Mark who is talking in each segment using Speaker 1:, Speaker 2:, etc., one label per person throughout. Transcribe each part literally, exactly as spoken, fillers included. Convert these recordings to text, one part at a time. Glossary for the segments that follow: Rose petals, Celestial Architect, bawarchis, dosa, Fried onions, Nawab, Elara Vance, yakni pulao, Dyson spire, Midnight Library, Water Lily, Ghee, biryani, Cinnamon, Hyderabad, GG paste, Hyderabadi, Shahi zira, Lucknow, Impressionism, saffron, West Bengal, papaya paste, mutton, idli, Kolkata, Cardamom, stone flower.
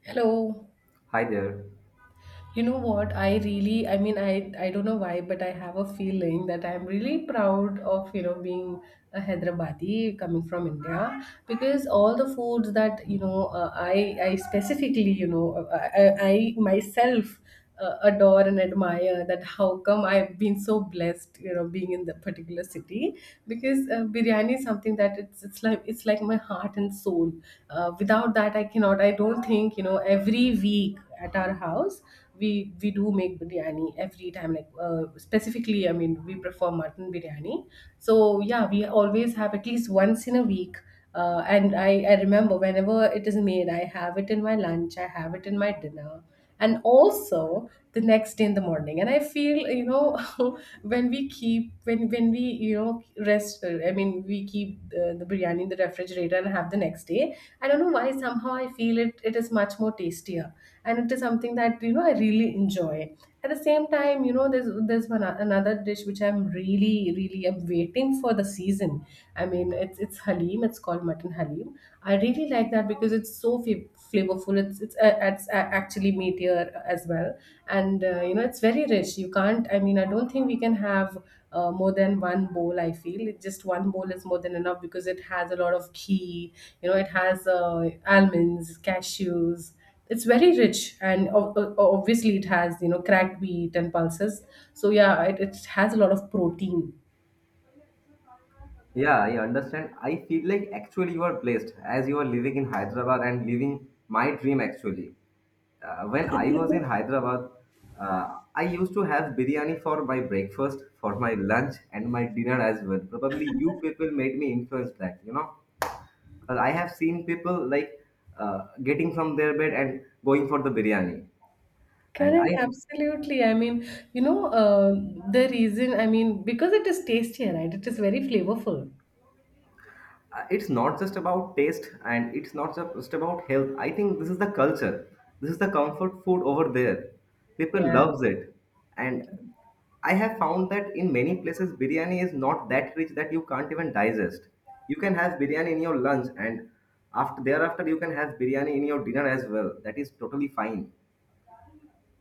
Speaker 1: Hello.
Speaker 2: Hi there.
Speaker 1: You know what? I really, I mean, I, I don't know why, but I have a feeling that I'm really proud of, you know, being a Hyderabadi coming from India because all the foods that, you know, uh, I, I specifically, you know, uh, uh, I, I myself uh, adore and admire that how come I've been so blessed, you know, being in the particular city because uh, biryani is something that it's, it's like, it's like my heart and soul. Uh, without that, I cannot, I don't think, you know, every week at our house, we we do make biryani every time like uh, specifically, I mean, we prefer mutton biryani. So yeah, we always have at least once in a week. Uh, and I, I remember whenever it is made, I have it in my lunch, I have it in my dinner and also the next day in the morning. And I feel, you know, when we keep, when when we, you know, rest, uh, I mean, we keep the, the biryani in the refrigerator and have the next day. I don't know why, somehow I feel it it is much more tastier, and it is something that, you know, I really enjoy. At the same time, you know, there's there's one another dish which I'm really really I'm waiting for the season. I mean, it's it's halim. It's called mutton halim. I really like that because it's so f- flavorful. It's it's, uh, it's uh, actually meatier as well. And uh, you know, it's very rich. You can't, I mean, I don't think we can have uh, more than one bowl. I feel It- just one bowl is more than enough because it has a lot of ghee. You know, it has uh, almonds, cashews. It's very rich, and ob- ob- obviously it has, you know, cracked wheat and pulses. So yeah, it, it has a lot of protein.
Speaker 2: Yeah, I understand. I feel like actually you are blessed as you are living in Hyderabad and living my dream actually. Uh, when I was in Hyderabad, uh, I used to have biryani for my breakfast, for my lunch, and my dinner as well. Probably you people made me influence that, you know. But I have seen people like uh, getting from their bed and going for the biryani. And
Speaker 1: Correct,
Speaker 2: I
Speaker 1: absolutely. I mean, you know, uh, the reason, I mean, because it is tastier, right? It is very flavorful.
Speaker 2: uh, It's not just about taste, and it's not ju- just about health. I think this is the culture. This is the comfort food over there. People
Speaker 1: Yeah.
Speaker 2: loves it. And I have found that in many places biryani is not that rich that you can't even digest. You can have biryani in your lunch, and after thereafter you can have biryani in your dinner as well. That is totally fine.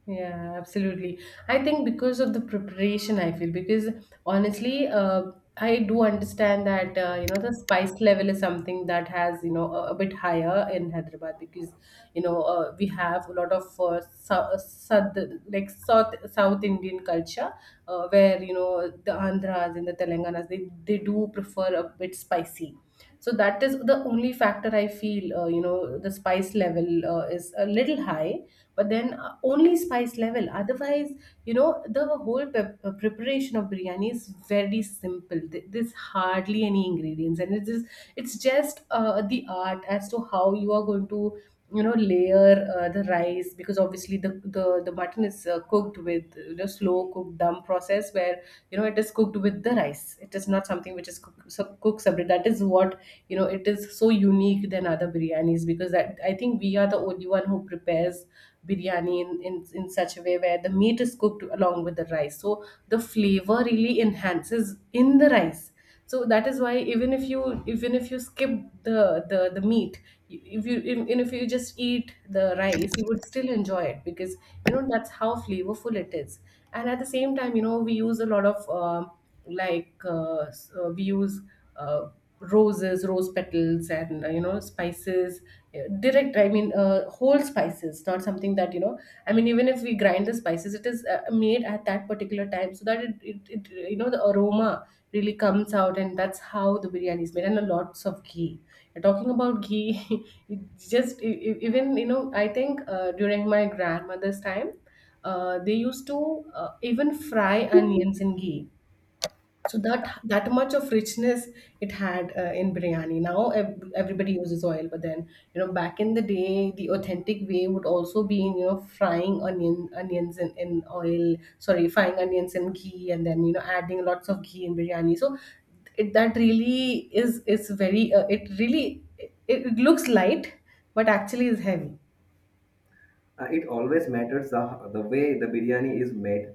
Speaker 1: Yeah, absolutely. I think because of the preparation, I feel, because honestly, uh, I do understand that, uh, you know, the spice level is something that has, you know, a, a bit higher in Hyderabad because, you know, uh, we have a lot of uh, sou- uh, south like south South Indian culture uh, where, you know, the Andhras and the Telanganas, they they do prefer a bit spicy. So that is the only factor I feel, uh, you know, the spice level uh, is a little high. But then, uh, only spice level. Otherwise, you know, the whole pep- uh, preparation of biryani is very simple. Th- there's hardly any ingredients, and it is, it's just uh, the art as to how you are going to, you know, layer uh, the rice, because obviously the the, the mutton is uh, cooked with, you know, slow cooked dum process, where, you know, it is cooked with the rice. It is not something which is cook, so cooked separate. That is what, you know, it is so unique than other biryanis, because that, I think we are the only one who prepares biryani in, in, in such a way where the meat is cooked along with the rice. So the flavor really enhances in the rice. So that is why, even if you even if you skip the the, the meat, if you even if you just eat the rice, you would still enjoy it, because, you know, that's how flavorful it is. And at the same time, you know, we use a lot of uh, like uh, s- uh, we use uh, roses rose petals and, uh, you know, spices, uh, direct, I mean, uh, whole spices, not something that, you know, I mean, even if we grind the spices, it is uh, made at that particular time, so that it, it, it, you know, the aroma really comes out. And that's how the biryani is made, and a lots of ghee. You're talking about ghee. It just e- e- even, you know, I think uh, during my grandmother's time, uh, they used to, uh, even fry onions in ghee. So that that much of richness it had, uh, in biryani. Now ev- everybody uses oil, but then, you know, back in the day, the authentic way would also be in, you know, frying onion onions in, in oil. Sorry, frying onions in ghee, and then, you know, adding lots of ghee in biryani. So it, that really is is very, uh, it really it, it looks light, but actually is heavy.
Speaker 2: Uh, it always matters the, the way the biryani is made.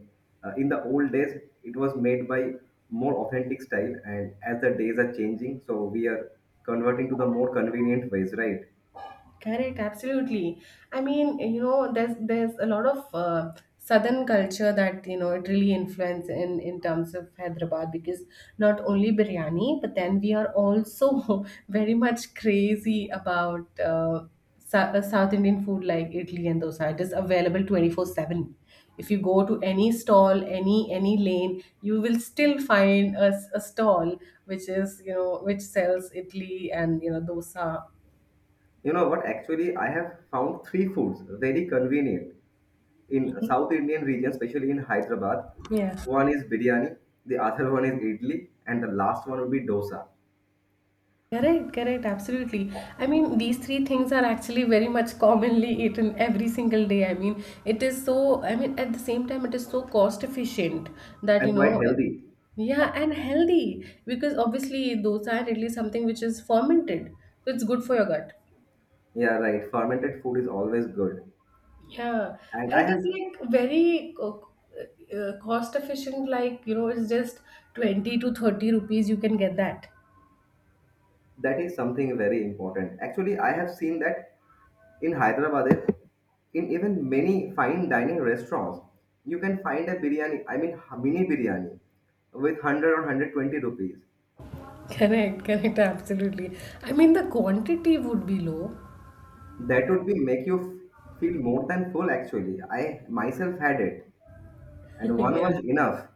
Speaker 2: Uh, in the old days, it was made by more authentic style, and as the days are changing, so we are converting to the more convenient ways, right?
Speaker 1: Correct, absolutely. I mean, you know, there's there's a lot of uh, southern culture that, you know, it really influenced in in terms of Hyderabad, because not only biryani, but then we are also very much crazy about, uh, Sou- uh, South Indian food like idli and dosa. It is available twenty four seven. If you go to any stall, any any lane, you will still find a, s- a stall which is, you know, which sells idli and, you know, dosa.
Speaker 2: You know what? Actually, I have found three foods very convenient in South Indian region, especially in Hyderabad.
Speaker 1: Yeah.
Speaker 2: One is biryani, the other one is idli, and the last one would be dosa,
Speaker 1: Correct, correct, absolutely. I mean, these three things are actually very much commonly eaten every single day. I mean, it is so, I mean, at the same time, it is so cost efficient that, you
Speaker 2: and quite
Speaker 1: know,
Speaker 2: healthy.
Speaker 1: yeah, and healthy, because obviously dosa and idli is something which is fermented, so it's good for your gut.
Speaker 2: Yeah, right. Fermented food is always good.
Speaker 1: Yeah,
Speaker 2: And
Speaker 1: and
Speaker 2: I
Speaker 1: it
Speaker 2: have
Speaker 1: is like very co- uh, cost efficient, like, you know, it's just twenty to thirty rupees, you can get that.
Speaker 2: That is something very important. Actually, I have seen that in Hyderabad, in even many fine dining restaurants, you can find a biryani, I mean h- mini biryani with one hundred or one hundred twenty rupees.
Speaker 1: Correct, correct, absolutely. I mean, the quantity would be low.
Speaker 2: That would be make you f- feel more than full actually. I myself had it and one
Speaker 1: Yeah.
Speaker 2: was enough.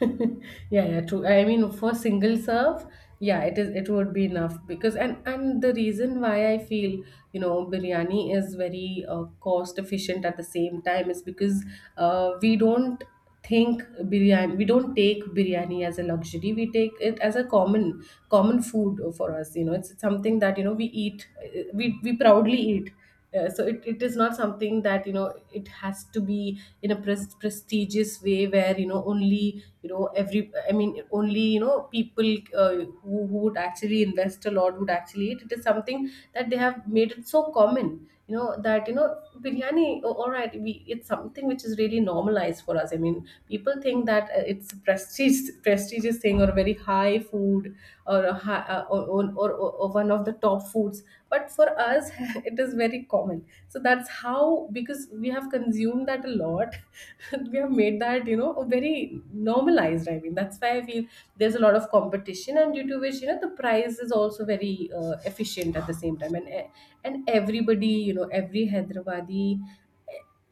Speaker 1: Yeah, yeah, true. I mean, for single serve, yeah, it is. It would be enough. Because, and and the reason why I feel, you know, biryani is very, uh, cost efficient at the same time is because uh, we don't think, biryani, we don't take biryani as a luxury, we take it as a common common food for us. You know, it's something that, you know, we eat, uh, we we proudly eat. Uh, so it, it is not something that, you know, it has to be in a pres- prestigious way where, you know, only, you know, every, I mean, only, you know, people, uh, who, who would actually invest a lot would actually eat. It is something that they have made it so common, you know, that, you know, biryani, oh, all right, we, it's something which is really normalized for us. I mean, people think that uh, it's a prestige prestigious thing, or very high food, or a high, uh, or, or, or, or one of the top foods, but for us it is very common. So that's how, because we have consumed that a lot, we have made that, you know, a very normalized, I mean, that's why I feel there's a lot of competition, and due to which, you know, the price is also very, uh, efficient at the same time. And e- and everybody, you know, every Hyderabadi,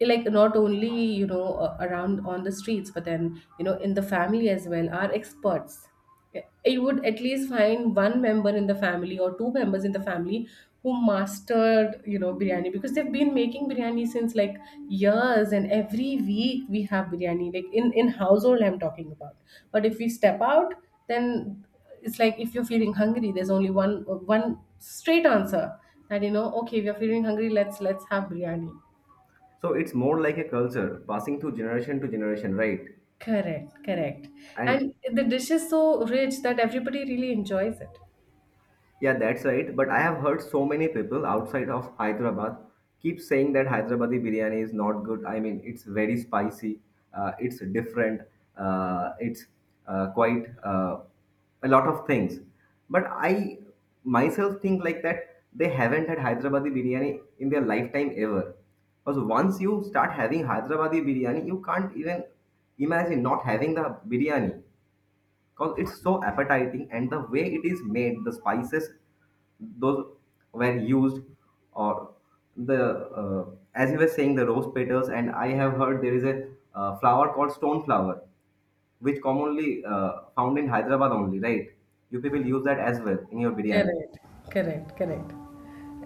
Speaker 1: eh, like, not only, you know, uh, around on the streets, but then, you know, in the family as well, are experts. It would at least find one member in the family or two members in the family who mastered, you know, biryani, because they've been making biryani since like years, and every week we have biryani, like, in in household I'm talking about. But if we step out, then it's like, if you're feeling hungry, there's only one one straight answer that, you know, okay, we are feeling hungry, let's let's have biryani.
Speaker 2: So it's more like a culture passing through generation to generation, right?
Speaker 1: Correct, correct. And
Speaker 2: And
Speaker 1: the dish is so rich that everybody really enjoys it.
Speaker 2: Yeah, that's right. But I have heard so many people outside of Hyderabad keep saying that Hyderabadi biryani is not good. I mean, it's very spicy, uh, it's different, uh, it's uh, quite uh, a lot of things. But I myself think like that they haven't had Hyderabadi biryani in their lifetime ever. Because once you start having Hyderabadi biryani, you can't even imagine not having the biryani, because it's so appetizing and the way it is made, the spices those were used, or the uh, as you were saying, the rose petals. And I have heard there is a uh, flower called stone flower which commonly uh, found in Hyderabad only, right? You people use that as well in your biryani.
Speaker 1: Correct, correct, correct.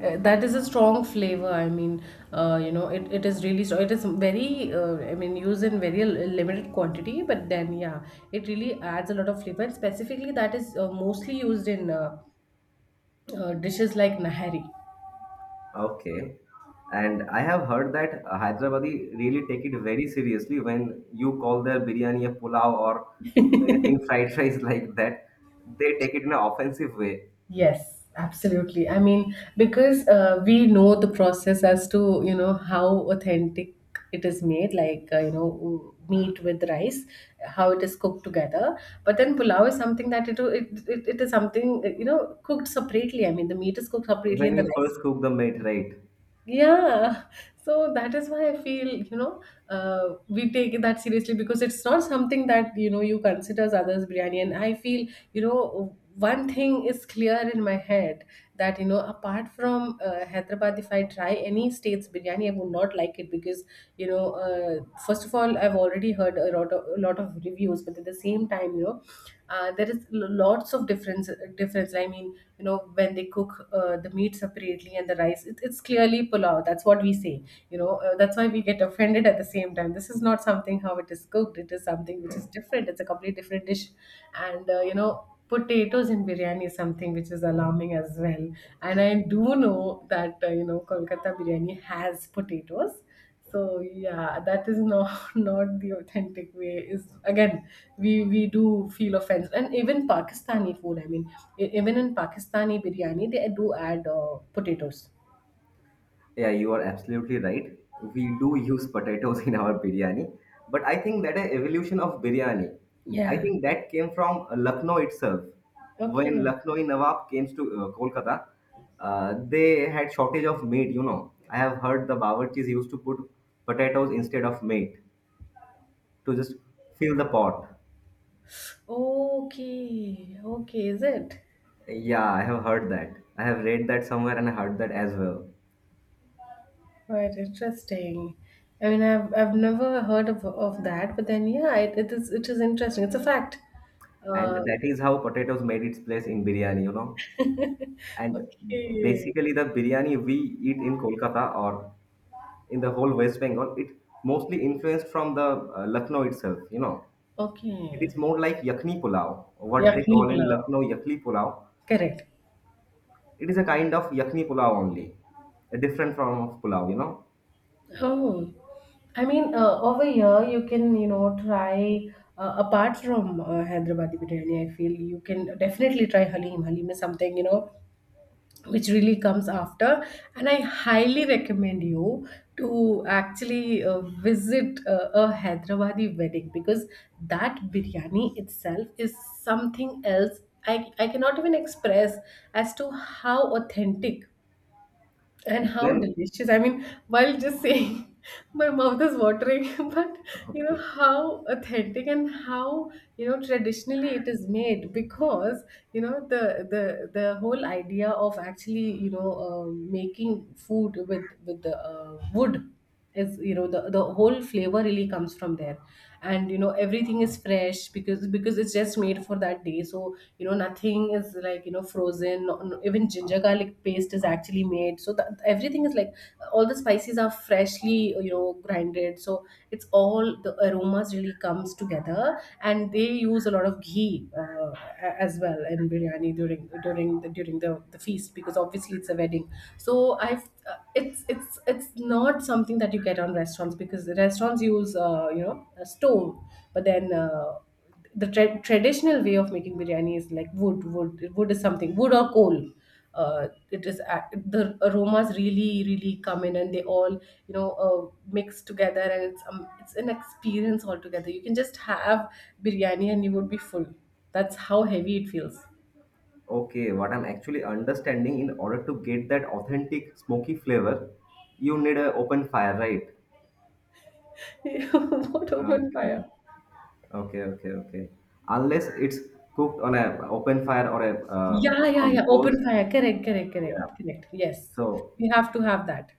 Speaker 1: Uh, that is a strong flavor. I mean, uh, you know, it, it is really strong. It is very, uh, I mean, used in very l- limited quantity, but then, yeah, it really adds a lot of flavor. And specifically, that is uh, mostly used in uh, uh, dishes like nahari.
Speaker 2: Okay. And I have heard that uh, Hyderabadi really take it very seriously when you call their biryani a pulao or anything fried rice like that. They take it in an offensive way.
Speaker 1: Yes, absolutely. I mean, because uh, we know the process as to, you know, how authentic it is made, like, uh, you know, meat with rice, how it is cooked together. But then pulao is something that it, it, it, it is something, you know, cooked separately. I mean, the meat is cooked separately and
Speaker 2: When
Speaker 1: the
Speaker 2: you first
Speaker 1: rice.
Speaker 2: cook the meat, right?
Speaker 1: Yeah, so that is why I feel, you know, uh, we take that seriously, because it's not something that, you know, you consider as others biryani. And I feel, you know, one thing is clear in my head that, you know, apart from uh, Hyderabad, if I try any state's biryani, I would not like it because, you know, uh, first of all, I've already heard a lot of, a lot of reviews, but at the same time, you know, uh, there is l- lots of difference difference i mean you know, when they cook uh, the meat separately and the rice, it, it's clearly pulao. That's what we say. you know uh, that's why we get offended. At the same time, this is not something how it is cooked. It is something which is different. It's a completely different dish. And uh, you know potatoes in biryani is something which is alarming as well. And I do know that uh, you know Kolkata biryani has potatoes. So yeah, that is not not the authentic way. Is again, we we do feel offense, and even Pakistani food. I mean, e- even in Pakistani biryani, they do add uh, potatoes.
Speaker 2: Yeah, you are absolutely right. We do use potatoes in our biryani, but I think that a evolution of biryani. I
Speaker 1: Yeah.
Speaker 2: think that came from Lucknow itself. When
Speaker 1: Okay.
Speaker 2: Lucknow Nawab came to uh, Kolkata, uh, they had shortage of meat. You know, I have heard the bawarchis used to put potatoes instead of meat to just fill the pot.
Speaker 1: Okay. Okay. Is it?
Speaker 2: Yeah, I have heard that. I have read that somewhere and I heard that as well.
Speaker 1: Right. Interesting. I mean, I've I've never heard of of that, but then yeah, it, it is it is interesting. It's a fact.
Speaker 2: And
Speaker 1: Uh,
Speaker 2: that is how potatoes made its place in biryani, you know. And
Speaker 1: okay.
Speaker 2: basically, the biryani we eat in Kolkata or in the whole West Bengal, it mostly influenced from the uh, Lucknow itself. You know, it
Speaker 1: Okay.
Speaker 2: is more like yakni pulao, what they
Speaker 1: Yakni
Speaker 2: call in
Speaker 1: Kneebla.
Speaker 2: Lucknow yakni pulao.
Speaker 1: Correct.
Speaker 2: It is a kind of yakni pulao only, a different form of pulao. You know,
Speaker 1: Oh, I mean, uh, over here you can, you know, try uh, apart from uh, Hyderabadi biryani. I feel you can definitely try Halim. Halim is something, you know, which really comes after, and I highly recommend you to actually uh, visit uh, a Hyderabadi wedding because that biryani itself is something else. I, I cannot even express as to how authentic and how
Speaker 2: then
Speaker 1: delicious. I mean, while just saying, my mouth is watering, but you know
Speaker 2: okay,
Speaker 1: how authentic and how, you know, traditionally it is made. Because you know, the the the whole idea of actually, you know, uh, making food with with the uh, wood is, you know, the the whole flavor really comes from there. And you know, everything is fresh, because because it's just made for that day. So you know, nothing is like, you know, frozen. no- no- Even ginger garlic paste is actually made, so that everything is like, all the spices are freshly, you know, grinded. So it's all the aromas really comes together. And they use a lot of ghee uh, a- as well in biryani during during the, during the, the feast because obviously it's a wedding. So I've uh, it's it's it's not something that you get on restaurants because the restaurants use uh, you know, a stove. But then uh, the tra- traditional way of making biryani is like wood. Wood wood is something, wood or coal. Uh, it is a- the aromas really really come in and they all, you know, uh, mix together. And it's um, it's an experience altogether. You can just have biryani and you would be full. That's how heavy it feels.
Speaker 2: okay, what I'm actually understanding, in order to get that authentic smoky flavor, you need an open fire, right?
Speaker 1: What open fire?
Speaker 2: Okay. Okay, okay, okay. Unless it's cooked on a open fire or a uh,
Speaker 1: Yeah, yeah,
Speaker 2: on
Speaker 1: yeah.
Speaker 2: coals.
Speaker 1: Open fire. Correct, correct, correct,
Speaker 2: Yeah.
Speaker 1: correct. Yes,
Speaker 2: So,
Speaker 1: we have to have that.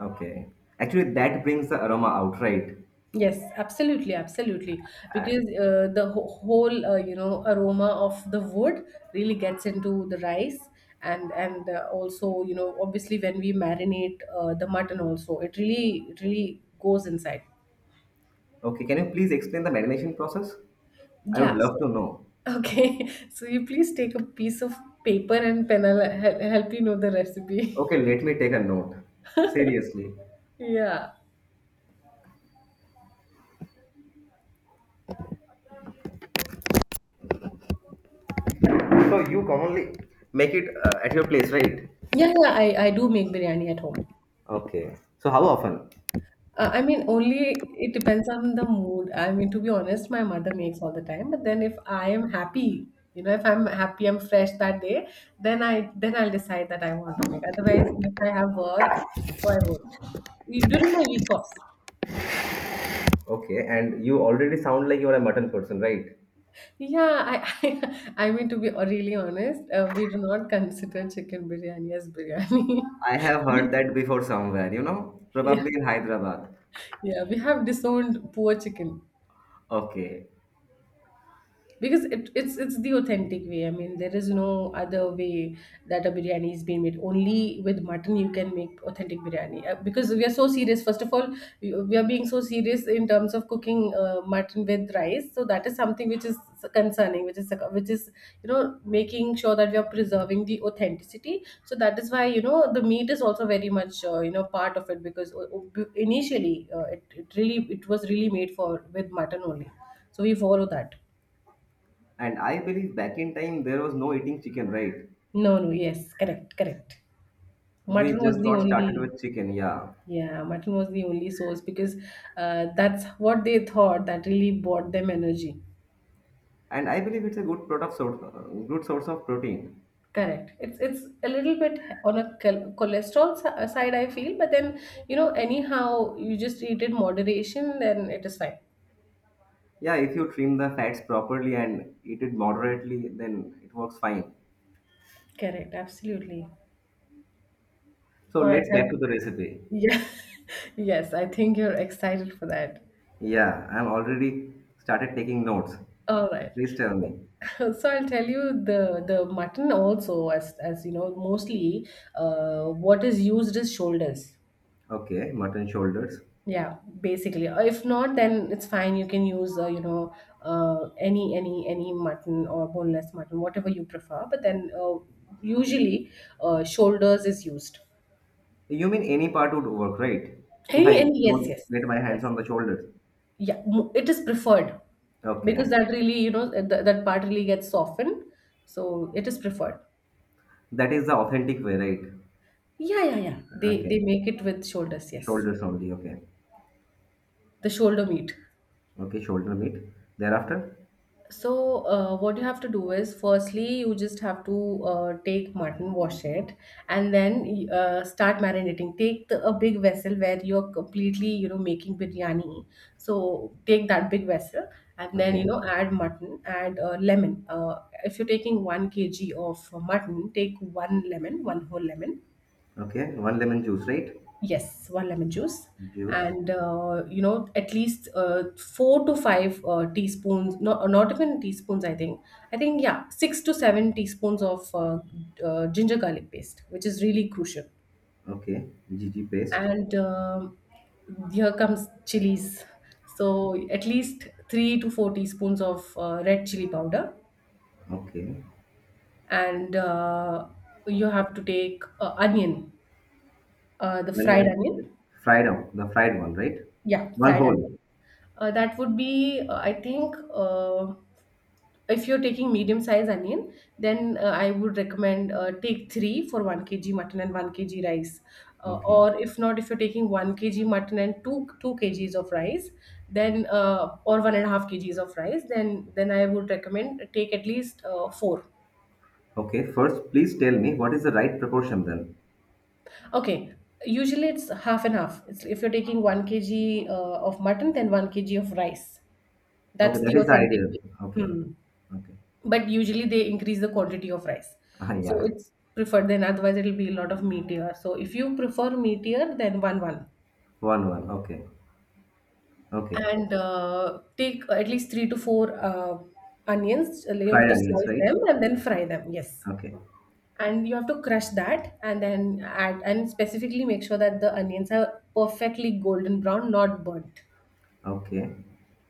Speaker 2: okay. Actually, that brings the aroma out, right?
Speaker 1: Yes, absolutely, absolutely. Because uh, the wh- whole uh, you know, aroma of the wood really gets into the rice. And and uh, also, you know, obviously when we marinate uh, the mutton also, it really it really goes inside.
Speaker 2: Okay. Can you please explain the marination process? I would
Speaker 1: Yeah.
Speaker 2: love
Speaker 1: so-
Speaker 2: to know.
Speaker 1: Okay. So you please take a piece of paper and pen. I'll hel- help you know the recipe.
Speaker 2: Okay, let me take a note. Seriously.
Speaker 1: Yeah.
Speaker 2: So you commonly make it uh, at your place, right?
Speaker 1: Yeah, yeah. I I do make biryani at home.
Speaker 2: Okay. So how often?
Speaker 1: Uh, I mean, only it depends on the mood. I mean, to be honest, my mother makes all the time. But then if I am happy, you know, if I'm happy, I'm fresh that day, then I then I'll decide that I want to make. Otherwise, if I have work, so I won't. You- During my week offs.
Speaker 2: Okay, and you already sound like you are a mutton person, right?
Speaker 1: Yeah, I I, I mean, to be really honest, uh, we do not consider chicken biryani as biryani.
Speaker 2: I have
Speaker 1: Yeah,
Speaker 2: heard that before somewhere, you know, probably in Hyderabad.
Speaker 1: yeah, we have disowned poor chicken.
Speaker 2: Okay.
Speaker 1: Because it, it's it's the authentic way. I mean, there is no other way that a biryani is being made. Only with mutton you can make authentic biryani. Uh, because we are so serious. First of all, we, we are being so serious in terms of cooking uh, mutton with rice. So that is something which is concerning, which is which is you know, making sure that we are preserving the authenticity. So that is why, you know, the meat is also very much uh, you know, part of it because uh, uh, initially uh, it, it really it was really made for with mutton only. So we follow that.
Speaker 2: And I believe back in time there was no eating chicken, right?
Speaker 1: No, no, yes, correct, correct.
Speaker 2: We
Speaker 1: Mutton was
Speaker 2: just
Speaker 1: the
Speaker 2: got started
Speaker 1: only,
Speaker 2: with chicken, yeah.
Speaker 1: yeah, mutton was the only source because uh, that's what they thought that really brought them energy.
Speaker 2: And I believe it's a good product source, uh, good source of protein.
Speaker 1: Correct. It's it's a little bit on a chol- cholesterol si- uh, side, I feel, but then you know, anyhow, you just eat it moderation, then it is fine.
Speaker 2: Yeah, if you trim the fats properly and eat it moderately, then it works fine.
Speaker 1: Correct. Absolutely.
Speaker 2: So
Speaker 1: All right.
Speaker 2: let's back to
Speaker 1: have-
Speaker 2: the recipe.
Speaker 1: yeah. Yes, I think you're excited for that.
Speaker 2: Yeah, I'm already started taking notes.
Speaker 1: All right.
Speaker 2: Please tell me.
Speaker 1: So I'll tell you, the the mutton also, as as you know, mostly uh, what is used is shoulders.
Speaker 2: Okay, mutton shoulders.
Speaker 1: Yeah, basically. Uh, If not, then it's fine. You can use uh, you know, uh, any any any mutton or boneless mutton, whatever you prefer. But then uh, usually uh, shoulders is used.
Speaker 2: You mean any part would work, right? If
Speaker 1: Any
Speaker 2: I
Speaker 1: any yes,
Speaker 2: don't
Speaker 1: yes,
Speaker 2: get my hands
Speaker 1: yes,
Speaker 2: on the shoulders.
Speaker 1: yeah. mo- It is preferred because
Speaker 2: Okay,
Speaker 1: that really, you know, th- that part really gets softened, so it is preferred.
Speaker 2: that is the authentic way, right?
Speaker 1: Yeah, yeah, yeah. They they
Speaker 2: Okay.
Speaker 1: make it with shoulders, yes.
Speaker 2: Shoulders only, okay.
Speaker 1: The shoulder meat.
Speaker 2: Okay, shoulder meat. Thereafter?
Speaker 1: So uh, what you have to do is firstly, you just have to uh, take mutton, wash it, and then uh, start marinating. Take the, a big vessel where you're completely, you know, making biryani. So take that big vessel and then, you
Speaker 2: Okay.
Speaker 1: know, add mutton, add uh, lemon. Uh, if you're taking one kg of mutton, take one lemon, one whole lemon.
Speaker 2: Okay. One lemon juice, right?
Speaker 1: Yes, one lemon juice.
Speaker 2: Juice.
Speaker 1: And uh, you know, at least uh, four to five uh, teaspoons, not not even teaspoons, I think. I think yeah, six to seven teaspoons of uh, uh, ginger garlic paste, which is really crucial.
Speaker 2: Okay. G G paste.
Speaker 1: And um here comes chilies. So at least three to four teaspoons of uh, red chili powder,
Speaker 2: Okay.
Speaker 1: and uh, you have to take uh, onion, uh, the fried
Speaker 2: Onion. Okay.
Speaker 1: onion.
Speaker 2: Fried one. The fried one, right?
Speaker 1: Yeah,
Speaker 2: One
Speaker 1: fried onion.
Speaker 2: whole.
Speaker 1: Uh, that would be, uh, I think, uh, if you're taking medium size onion, then uh, I would recommend uh, take three for one k g mutton and one k g rice. Uh,
Speaker 2: Okay.
Speaker 1: or if not, if you're taking one k g mutton and two two k g's of rice, then uh, or one point five k g's of rice, then, then I would recommend take at least uh, four.
Speaker 2: Okay. First, please tell me what is the right proportion then?
Speaker 1: Okay, usually it's half and half. It's, if you're taking one k g uh, of mutton, then one k g of rice.
Speaker 2: Okay,
Speaker 1: That's
Speaker 2: that
Speaker 1: the
Speaker 2: is the
Speaker 1: authentic.
Speaker 2: ideal. Okay.
Speaker 1: Hmm.
Speaker 2: Okay.
Speaker 1: But usually they increase the quantity of rice,
Speaker 2: Ah,
Speaker 1: so
Speaker 2: yeah.
Speaker 1: it's preferred then. Otherwise, it'll be a lot of meatier. So if you prefer meatier, then one one.
Speaker 2: One one. Okay. Okay.
Speaker 1: And uh, take at least three to four uh, onions. Uh, you have
Speaker 2: Fried
Speaker 1: to
Speaker 2: onions,
Speaker 1: slice
Speaker 2: right?
Speaker 1: them and then fry them, yes.
Speaker 2: Okay.
Speaker 1: And you have to crush that and then add, and specifically make sure that the onions are perfectly golden brown, not burnt.
Speaker 2: Okay.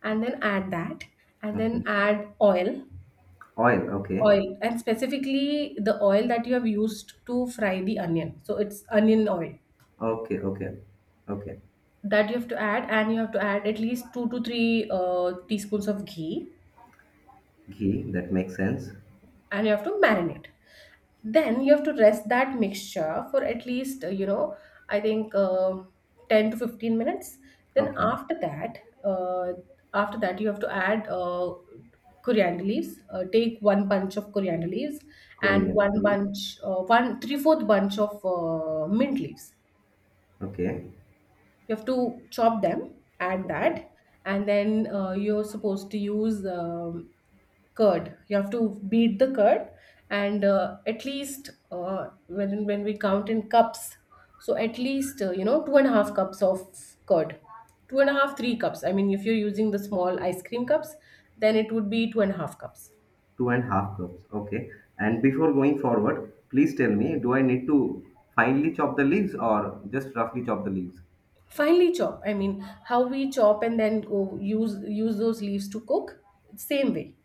Speaker 1: And then add that, and then
Speaker 2: Okay.
Speaker 1: add oil.
Speaker 2: Oil. Okay.
Speaker 1: Oil, and specifically the oil that you have used to fry the onion, so it's onion oil
Speaker 2: Okay. Okay. Okay.
Speaker 1: that you have to add. And you have to add at least two to three uh, teaspoons of ghee.
Speaker 2: Ghee. That makes sense.
Speaker 1: And you have to marinate, then you have to rest that mixture for at least uh, you know, I think uh, ten to fifteen minutes. Then
Speaker 2: Okay,
Speaker 1: after that uh, after that you have to add uh, coriander leaves. uh, take one bunch of coriander leaves and
Speaker 2: Korean
Speaker 1: one
Speaker 2: please.
Speaker 1: bunch uh, one three fourth bunch of uh, mint leaves.
Speaker 2: Okay,
Speaker 1: You have to chop them, add
Speaker 2: okay,
Speaker 1: that, and then uh, you're supposed to use um, curd. You have to beat the curd, and uh, at least uh, when when we count in cups, so at least uh, you know, two and a half cups of curd, two and a half three cups. I mean, if you're using the small ice cream cups, then it would be two and a half cups.
Speaker 2: two and half cups. Okay, and before going forward, please tell me, do I need to finely chop the leaves or just roughly chop the leaves?
Speaker 1: Finely chop. I mean, how we chop and then go use use those leaves to cook, same way,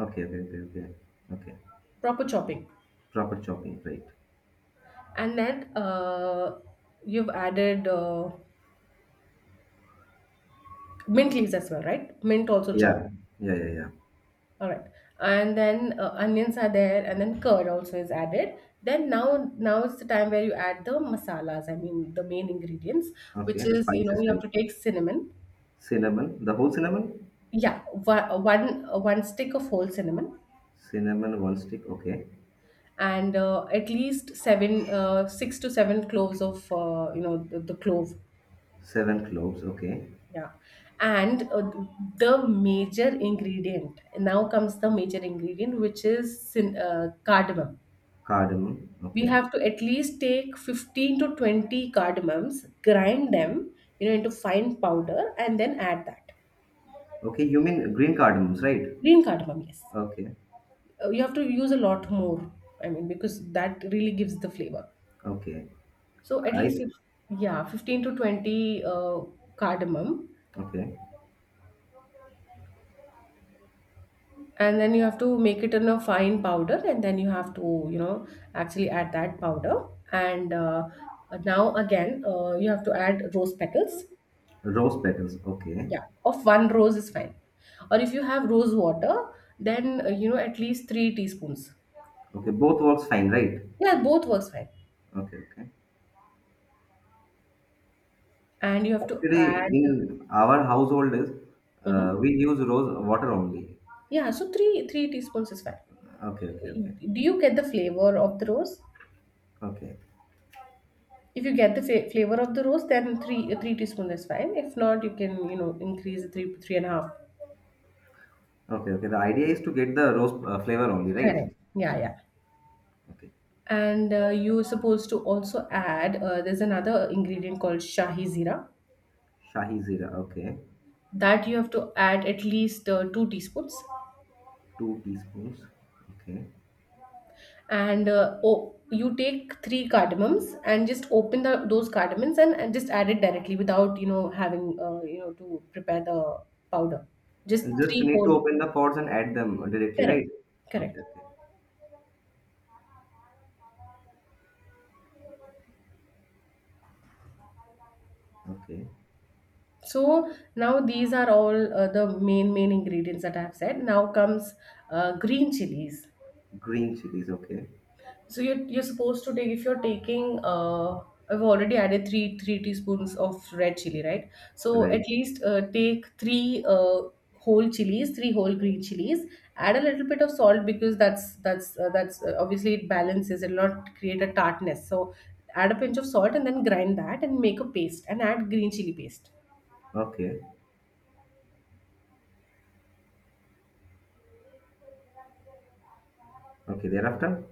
Speaker 2: Okay, okay, okay, okay, okay.
Speaker 1: proper chopping.
Speaker 2: Proper chopping, right?
Speaker 1: And then uh, you've added uh, mint leaves as well, right? Mint also chopped.
Speaker 2: Yeah, yeah, yeah, yeah.
Speaker 1: All right. And then uh, onions are there, and then curd also is added. Then now, now is the time where you add the masalas. I mean, the main ingredients, which
Speaker 2: Okay, the
Speaker 1: is, you know,
Speaker 2: spices,
Speaker 1: you have
Speaker 2: right?
Speaker 1: to take cinnamon.
Speaker 2: Cinnamon, the whole cinnamon?
Speaker 1: Yeah, one one one stick of whole cinnamon,
Speaker 2: Cinnamon, one stick, okay.
Speaker 1: and uh, at least seven, uh, six to seven cloves of uh, you know, the, the clove.
Speaker 2: Seven cloves, okay.
Speaker 1: Yeah. And uh, the major ingredient, now comes the major ingredient, which is cin- uh, cardamom.
Speaker 2: Cardamom,
Speaker 1: We
Speaker 2: okay.
Speaker 1: have to at least take fifteen to twenty cardamoms, grind them, you know, into fine powder and then add that.
Speaker 2: Okay, you mean green cardamoms, right?
Speaker 1: Green cardamom, yes.
Speaker 2: Okay,
Speaker 1: Uh, you have to use a lot more, I mean, because that really gives the flavor.
Speaker 2: okay.
Speaker 1: So at
Speaker 2: I
Speaker 1: least, if, yeah, fifteen to twenty uh, cardamom,
Speaker 2: Okay.
Speaker 1: and then you have to make it in a fine powder, and then you have to you know actually add that powder. And uh, Now again uh, you have to add rose petals.
Speaker 2: Rose petals. Okay.
Speaker 1: Yeah, of one rose is fine, or if you have rose water, then uh, you know at least three teaspoons.
Speaker 2: Okay. Both works fine, right?
Speaker 1: Yeah, both works fine.
Speaker 2: Okay. Okay.
Speaker 1: And you have to
Speaker 2: Actually,
Speaker 1: add.
Speaker 2: in our household is uh,
Speaker 1: Mhm.
Speaker 2: we use rose water only.
Speaker 1: Yeah, so 3 3 teaspoons is fine.
Speaker 2: Okay. Okay. Okay.
Speaker 1: Do you get the flavor of the rose?
Speaker 2: Okay.
Speaker 1: If you get the fa- flavor of the rose, then three three teaspoons is fine. If not, you can you know increase three three and a half.
Speaker 2: Okay. Okay. The idea is to get the rose uh, flavor only,
Speaker 1: Correct.
Speaker 2: right?
Speaker 1: Yeah, yeah.
Speaker 2: Okay.
Speaker 1: And uh, you're supposed to also add. Uh, there's another ingredient called shahi zira
Speaker 2: Shahi zira. Okay.
Speaker 1: that you have to add at least uh, two teaspoons.
Speaker 2: Two teaspoons. Okay.
Speaker 1: And uh, oh, you take three cardamoms and just open the those cardamoms and, and just add it directly without you know having uh, you know to prepare the powder. Just
Speaker 2: And just
Speaker 1: three
Speaker 2: need to
Speaker 1: whole.
Speaker 2: open the pots and add them directly,
Speaker 1: Correct.
Speaker 2: right? Okay.
Speaker 1: Correct.
Speaker 2: Okay. Okay.
Speaker 1: So now these are all uh, the main main ingredients that I've said. Now comes uh, green chilies.
Speaker 2: Green chilies. Okay.
Speaker 1: So you're, you're supposed to take if you're taking uh, I've already added three three teaspoons of red chili, right? So at
Speaker 2: Right.
Speaker 1: least uh, take three uh, whole chilies, three whole green chilies. Add a little bit of salt because that's that's uh, that's uh, obviously it balances. It'll not create a tartness. So add a pinch of salt and then grind that and make a paste and add green chili paste.
Speaker 2: Okay. Okay. Thereafter.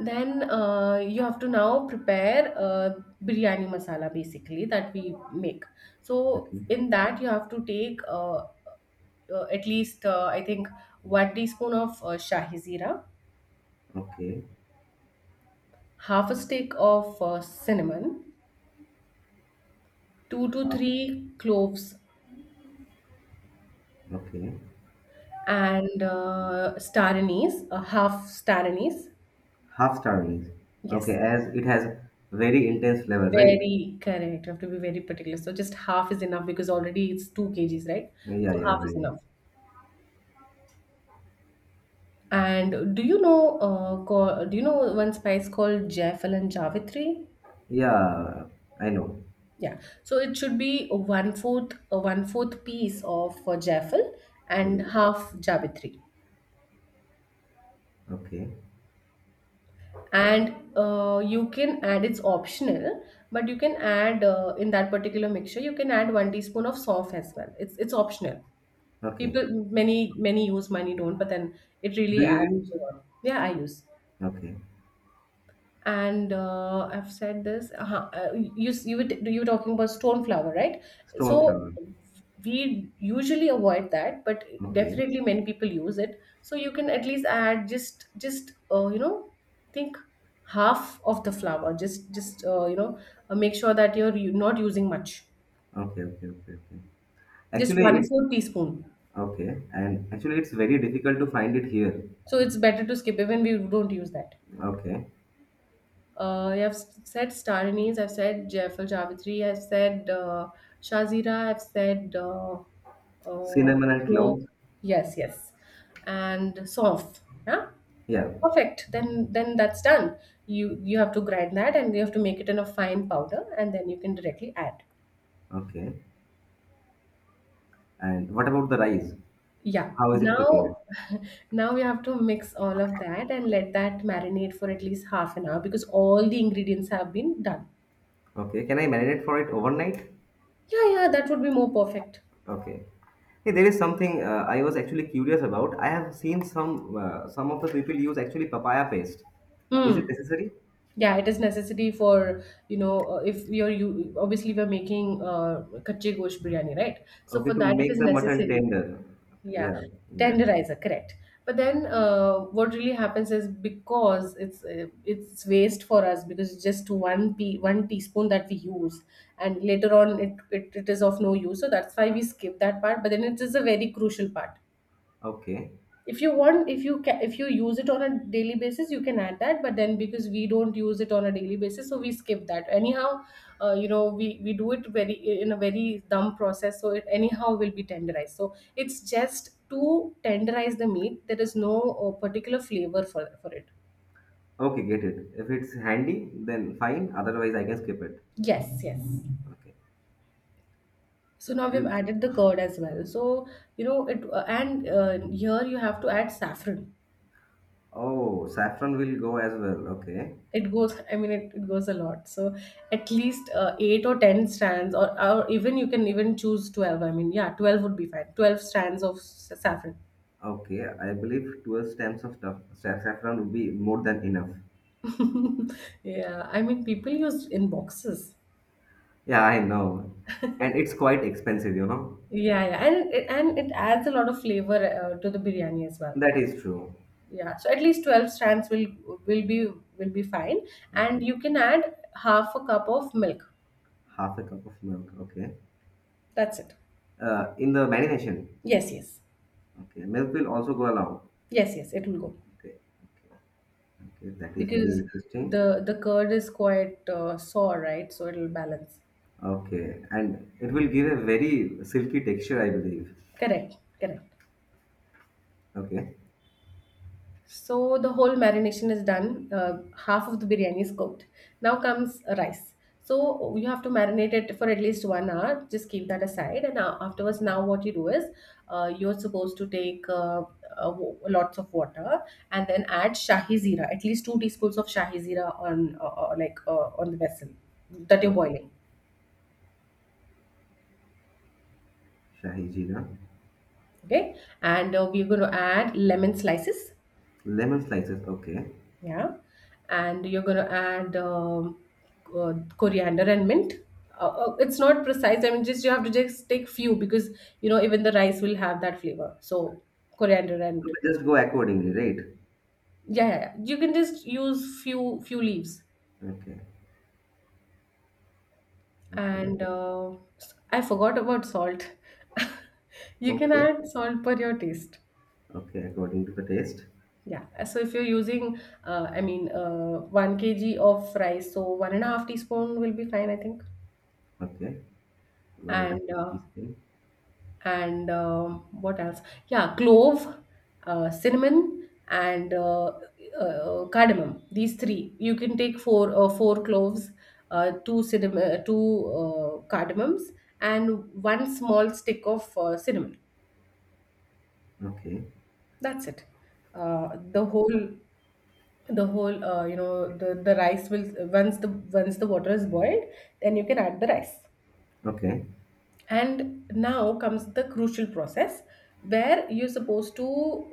Speaker 1: Then uh, you have to now prepare uh, biryani masala basically that we make. So
Speaker 2: Okay.
Speaker 1: in that you have to take uh, uh, at least uh, I think one teaspoon of uh, shahi zira,
Speaker 2: Okay.
Speaker 1: half a stick of uh, cinnamon, two to
Speaker 2: Half.
Speaker 1: three cloves,
Speaker 2: Okay.
Speaker 1: and uh, star anise, a half star anise.
Speaker 2: Half starlings. Okay,
Speaker 1: Yes,
Speaker 2: as it has very intense flavor, right?
Speaker 1: very correct. You have to be very particular. So just half is enough because already it's two k g's, right?
Speaker 2: Yeah,
Speaker 1: So
Speaker 2: yeah,
Speaker 1: half is
Speaker 2: right.
Speaker 1: enough. And do you know, uh, co- do you know one spice called Jaffel and Javitri?
Speaker 2: Yeah, I know.
Speaker 1: Yeah. So it should be a one fourth, uh, one fourth piece of uh, Jaffel and
Speaker 2: Yeah.
Speaker 1: half Javitri.
Speaker 2: Okay,
Speaker 1: And uh, you can add, it's optional, but you can add uh, in that particular mixture, you can add one teaspoon of soft as well. It's it's optional.
Speaker 2: okay.
Speaker 1: People, many many use, many don't, but then it
Speaker 2: Do
Speaker 1: really
Speaker 2: you
Speaker 1: adds
Speaker 2: use?
Speaker 1: flavor. Yeah, I use.
Speaker 2: Okay,
Speaker 1: And uh, I've said this. Uh, uh, you you were, you were talking about stone flower, right?
Speaker 2: stone
Speaker 1: So
Speaker 2: flower.
Speaker 1: we usually avoid that, but
Speaker 2: Okay,
Speaker 1: definitely many people use it. So you can at least add just just uh, you know think half of the flour. Just just uh, you know uh, make sure that you're u- not using much.
Speaker 2: okay, okay, okay, okay.
Speaker 1: Just
Speaker 2: Actually,
Speaker 1: one
Speaker 2: it's
Speaker 1: fourth teaspoon.
Speaker 2: Okay, and actually, it's very difficult to find it here.
Speaker 1: So it's better to skip, even we don't use that.
Speaker 2: Okay,
Speaker 1: Uh, I have s- said Stariniz, I've said Jaifal Javitri, I've said uh, Shazira, I've said uh, uh,
Speaker 2: cinnamon and
Speaker 1: Flo.
Speaker 2: cloves.
Speaker 1: Yes, yes, and Sof. Yeah,
Speaker 2: Yeah.
Speaker 1: perfect. Then, then that's done. You you have to grind that, and you have to make it in a fine powder, and then you can directly add.
Speaker 2: Okay, and what about the rice?
Speaker 1: Yeah.
Speaker 2: How is it prepared?
Speaker 1: Now, now we have to mix all of that and let that marinate for at least half an hour because all the ingredients have been done.
Speaker 2: Okay, can I marinate for it overnight?
Speaker 1: Yeah, yeah, that would be more perfect.
Speaker 2: Okay. Hey, there is something uh, I was actually curious about. I have seen some uh, some of the people use actually papaya paste. Uh, is it
Speaker 1: Hmm.
Speaker 2: necessary?
Speaker 1: Yeah, it is necessity for you know uh, if you're you obviously we're making uh, kachi gosh biryani, right? So
Speaker 2: Okay,
Speaker 1: for
Speaker 2: to
Speaker 1: that it is
Speaker 2: make the mutton
Speaker 1: necessary.
Speaker 2: tender.
Speaker 1: Yeah,
Speaker 2: Yeah, yeah.
Speaker 1: tenderizer, correct. But then uh, what really happens is because it's uh, it's waste for us because it's just one p one teaspoon that we use, and later on it, it it is of no use. So that's why we skip that part. But then it is a very crucial part.
Speaker 2: Okay.
Speaker 1: If you want, if you can, if you use it on a daily basis, you can add that. But then because we don't use it on a daily basis, so we skip that anyhow. uh, you know we we do it very in a very dumb process, so it anyhow will be tenderized. So it's just to tenderize the meat. There is no uh, particular flavor for for it.
Speaker 2: Okay, get it. If it's handy, then fine. Otherwise, I can skip it.
Speaker 1: Yes, yes.
Speaker 2: Okay.
Speaker 1: So now we've
Speaker 2: L-
Speaker 1: added the curd as well. So you know it uh, and uh, here you have to add saffron.
Speaker 2: Oh, saffron will go as well. Okay.
Speaker 1: It goes, I mean, it, it goes a lot. So at least uh, eight or ten strands, or, or even you can even choose twelve. I mean, yeah, twelve would be fine. twelve strands of s- saffron.
Speaker 2: Okay, I believe twelve stems of stuff, sa- saffron would be more than enough.
Speaker 1: Yeah, I mean people use in boxes.
Speaker 2: Yeah, I know. And it's quite expensive, you know.
Speaker 1: Yeah, yeah, and it, and it adds a lot of flavor uh, to the biryani as well.
Speaker 2: That is true.
Speaker 1: Yeah, so at least twelve strands will will be will be fine. And
Speaker 2: Okay.
Speaker 1: you can add half a cup of milk.
Speaker 2: Half a cup of milk. Okay,
Speaker 1: That's it.
Speaker 2: uh, in the marination.
Speaker 1: Yes, yes.
Speaker 2: Okay, milk will also go along.
Speaker 1: Yes, yes, it will go.
Speaker 2: Okay. Okay, okay. That is very
Speaker 1: Because
Speaker 2: interesting.
Speaker 1: the the curd is quite uh, sour, right? So it'll balance.
Speaker 2: Okay, and it will give a very silky texture, I believe.
Speaker 1: Correct, correct.
Speaker 2: Okay.
Speaker 1: So the whole marination is done. Uh, half of the biryani is cooked. Now comes rice. So you have to marinate it for at least one hour. Just keep that aside, and uh, afterwards, now what you do is uh, you're supposed to take uh, uh, wa- lots of water and then add shahi zira, at least two teaspoons of shahi zira on uh, uh, like uh, on the vessel that you're
Speaker 2: Okay,
Speaker 1: boiling.
Speaker 2: shahi jeera.
Speaker 1: Okay. And uh, we're going to add lemon slices.
Speaker 2: Lemon slices. Okay, so
Speaker 1: Yeah. And you're going to add um, uh, coriander and mint. uh, uh, it's not precise. I mean, just you have to just take few because you know even the rice will have that flavor. So coriander and
Speaker 2: we just go accordingly, right?
Speaker 1: yeah, yeah, yeah, you can just use few few leaves.
Speaker 2: Okay.
Speaker 1: And
Speaker 2: Okay,
Speaker 1: uh, I forgot about salt. You can
Speaker 2: okay,
Speaker 1: add salt per your taste.
Speaker 2: okay, according to the taste.
Speaker 1: Yeah, uh, so if you're using, uh, I mean, uh, one k g of rice, so one and a half teaspoon will be fine, I think.
Speaker 2: Okay, one and a
Speaker 1: And
Speaker 2: half
Speaker 1: uh,
Speaker 2: teaspoon.
Speaker 1: and um, what else? Yeah, clove, uh, cinnamon, and uh, uh, cardamom. These three. You can take four uh, four cloves, uh, two cinnamon, uh, two uh, cardamoms, and one small stick of uh, cinnamon.
Speaker 2: Okay.
Speaker 1: That's it. Uh, the whole the whole uh, you know the the rice will once the once the water is boiled, then you can add the rice.
Speaker 2: Okay,
Speaker 1: And now comes the crucial process, where you're supposed to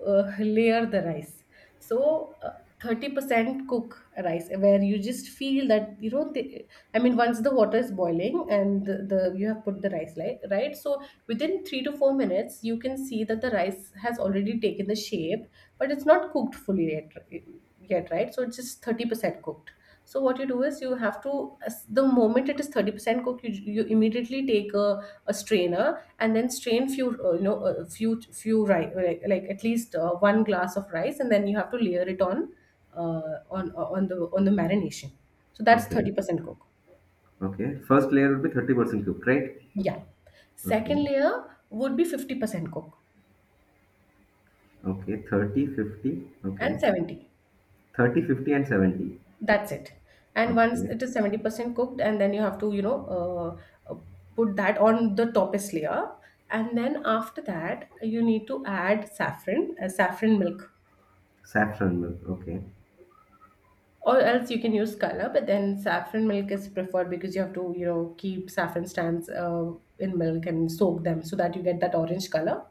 Speaker 1: uh, layer the rice. So uh, thirty percent cook rice, where you just feel that you know the, I mean once the water is boiling and the, the you have put the rice like, right? So within three to four minutes you can see that the rice has already taken the shape, but it's not cooked fully yet yet, right? So it's just thirty percent cooked. So what you do is you have to as- the moment it is thirty percent cooked, you, you immediately take a, a strainer and then strain few uh, you know a few few rice like, like at least uh, one glass of rice, and then you have to layer it on uh, on uh, on the on the marination. So that's
Speaker 2: okay,
Speaker 1: thirty percent cook.
Speaker 2: okay, first layer will be thirty percent cooked, right?
Speaker 1: Yeah. Second
Speaker 2: Okay.
Speaker 1: layer would be fifty percent cook.
Speaker 2: Okay, thirty fifty.
Speaker 1: And
Speaker 2: Okay.
Speaker 1: seventy.
Speaker 2: Thirty fifty and seventy.
Speaker 1: That's it. And once
Speaker 2: Okay.
Speaker 1: it is seventy percent cooked, and then you have to, you know, uh, uh, put that on the topest layer. And then after that, you need to add saffron, uh, saffron milk.
Speaker 2: Saffron milk. Okay.
Speaker 1: Or else you can use color, but then saffron milk is preferred because you have to, you know, keep saffron strands uh, in milk and soak them so that you get that orange color,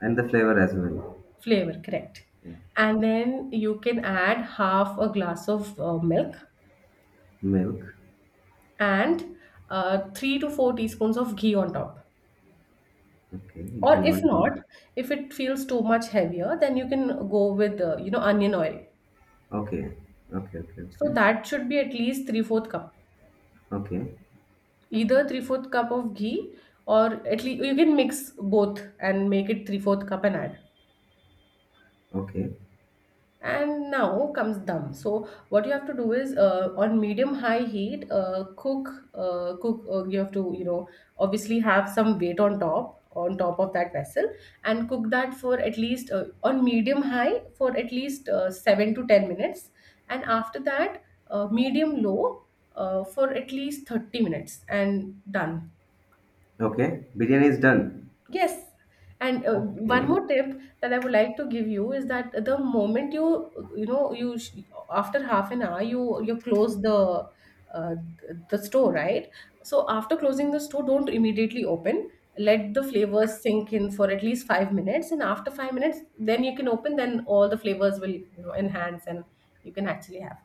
Speaker 2: And the flavor as well.
Speaker 1: flavor, correct?
Speaker 2: Yeah.
Speaker 1: And then you can add half a glass of uh, milk
Speaker 2: Milk.
Speaker 1: and uh, three to four teaspoons of ghee on top.
Speaker 2: Okay.
Speaker 1: Or
Speaker 2: Ghee
Speaker 1: if
Speaker 2: on top.
Speaker 1: not, if it feels too much heavier, then you can go with uh, you know onion oil.
Speaker 2: Okay. Okay, okay,
Speaker 1: So
Speaker 2: okay.
Speaker 1: that should be at least three fourth cup,
Speaker 2: Okay.
Speaker 1: either three fourth cup of ghee, or at least you can mix both and make it three fourth cup and add.
Speaker 2: Okay.
Speaker 1: And now comes dum. So what you have to do is uh, on medium high heat uh, cook uh, cook uh, you have to you know obviously have some weight on top on top of that vessel, and cook that for at least uh, on medium high for at least uh, seven to ten minutes, and after that uh, medium low uh, for at least thirty minutes and done.
Speaker 2: Okay. Biryani is done.
Speaker 1: Yes. And uh, one
Speaker 2: Okay.
Speaker 1: more tip that I would like to give you is that the moment you, you know, you sh after half an hour, you you close the uh, the store, right? So after closing the store, don't immediately open. Let the flavors sink in for at least five minutes, and after five minutes, then you can open. Then all the flavors will, you know, enhance, and you can actually have.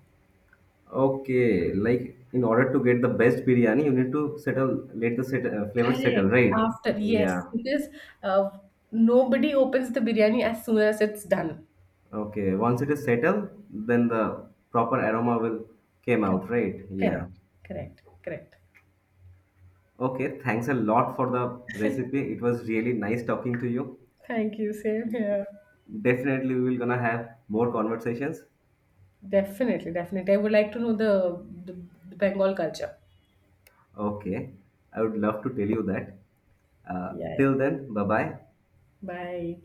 Speaker 2: Okay. Like in order to get the best biryani, you need to settle, let the set, uh, flavor settle,
Speaker 1: Correct.
Speaker 2: right?
Speaker 1: After, yes,
Speaker 2: Yeah.
Speaker 1: because uh, nobody opens the biryani as soon as it's done.
Speaker 2: Okay. Once it is settled, then the proper aroma will came out, right? Yeah.
Speaker 1: Correct, correct, correct.
Speaker 2: Okay, thanks a lot for the recipe. It was really nice talking to you.
Speaker 1: Thank you. Same here.
Speaker 2: Definitely, we will gonna have more conversations.
Speaker 1: Definitely, definitely. I would like to know the the, the Bengal culture.
Speaker 2: Okay, I would love to tell you that. Uh,
Speaker 1: Yeah.
Speaker 2: till then, bye bye.
Speaker 1: Bye.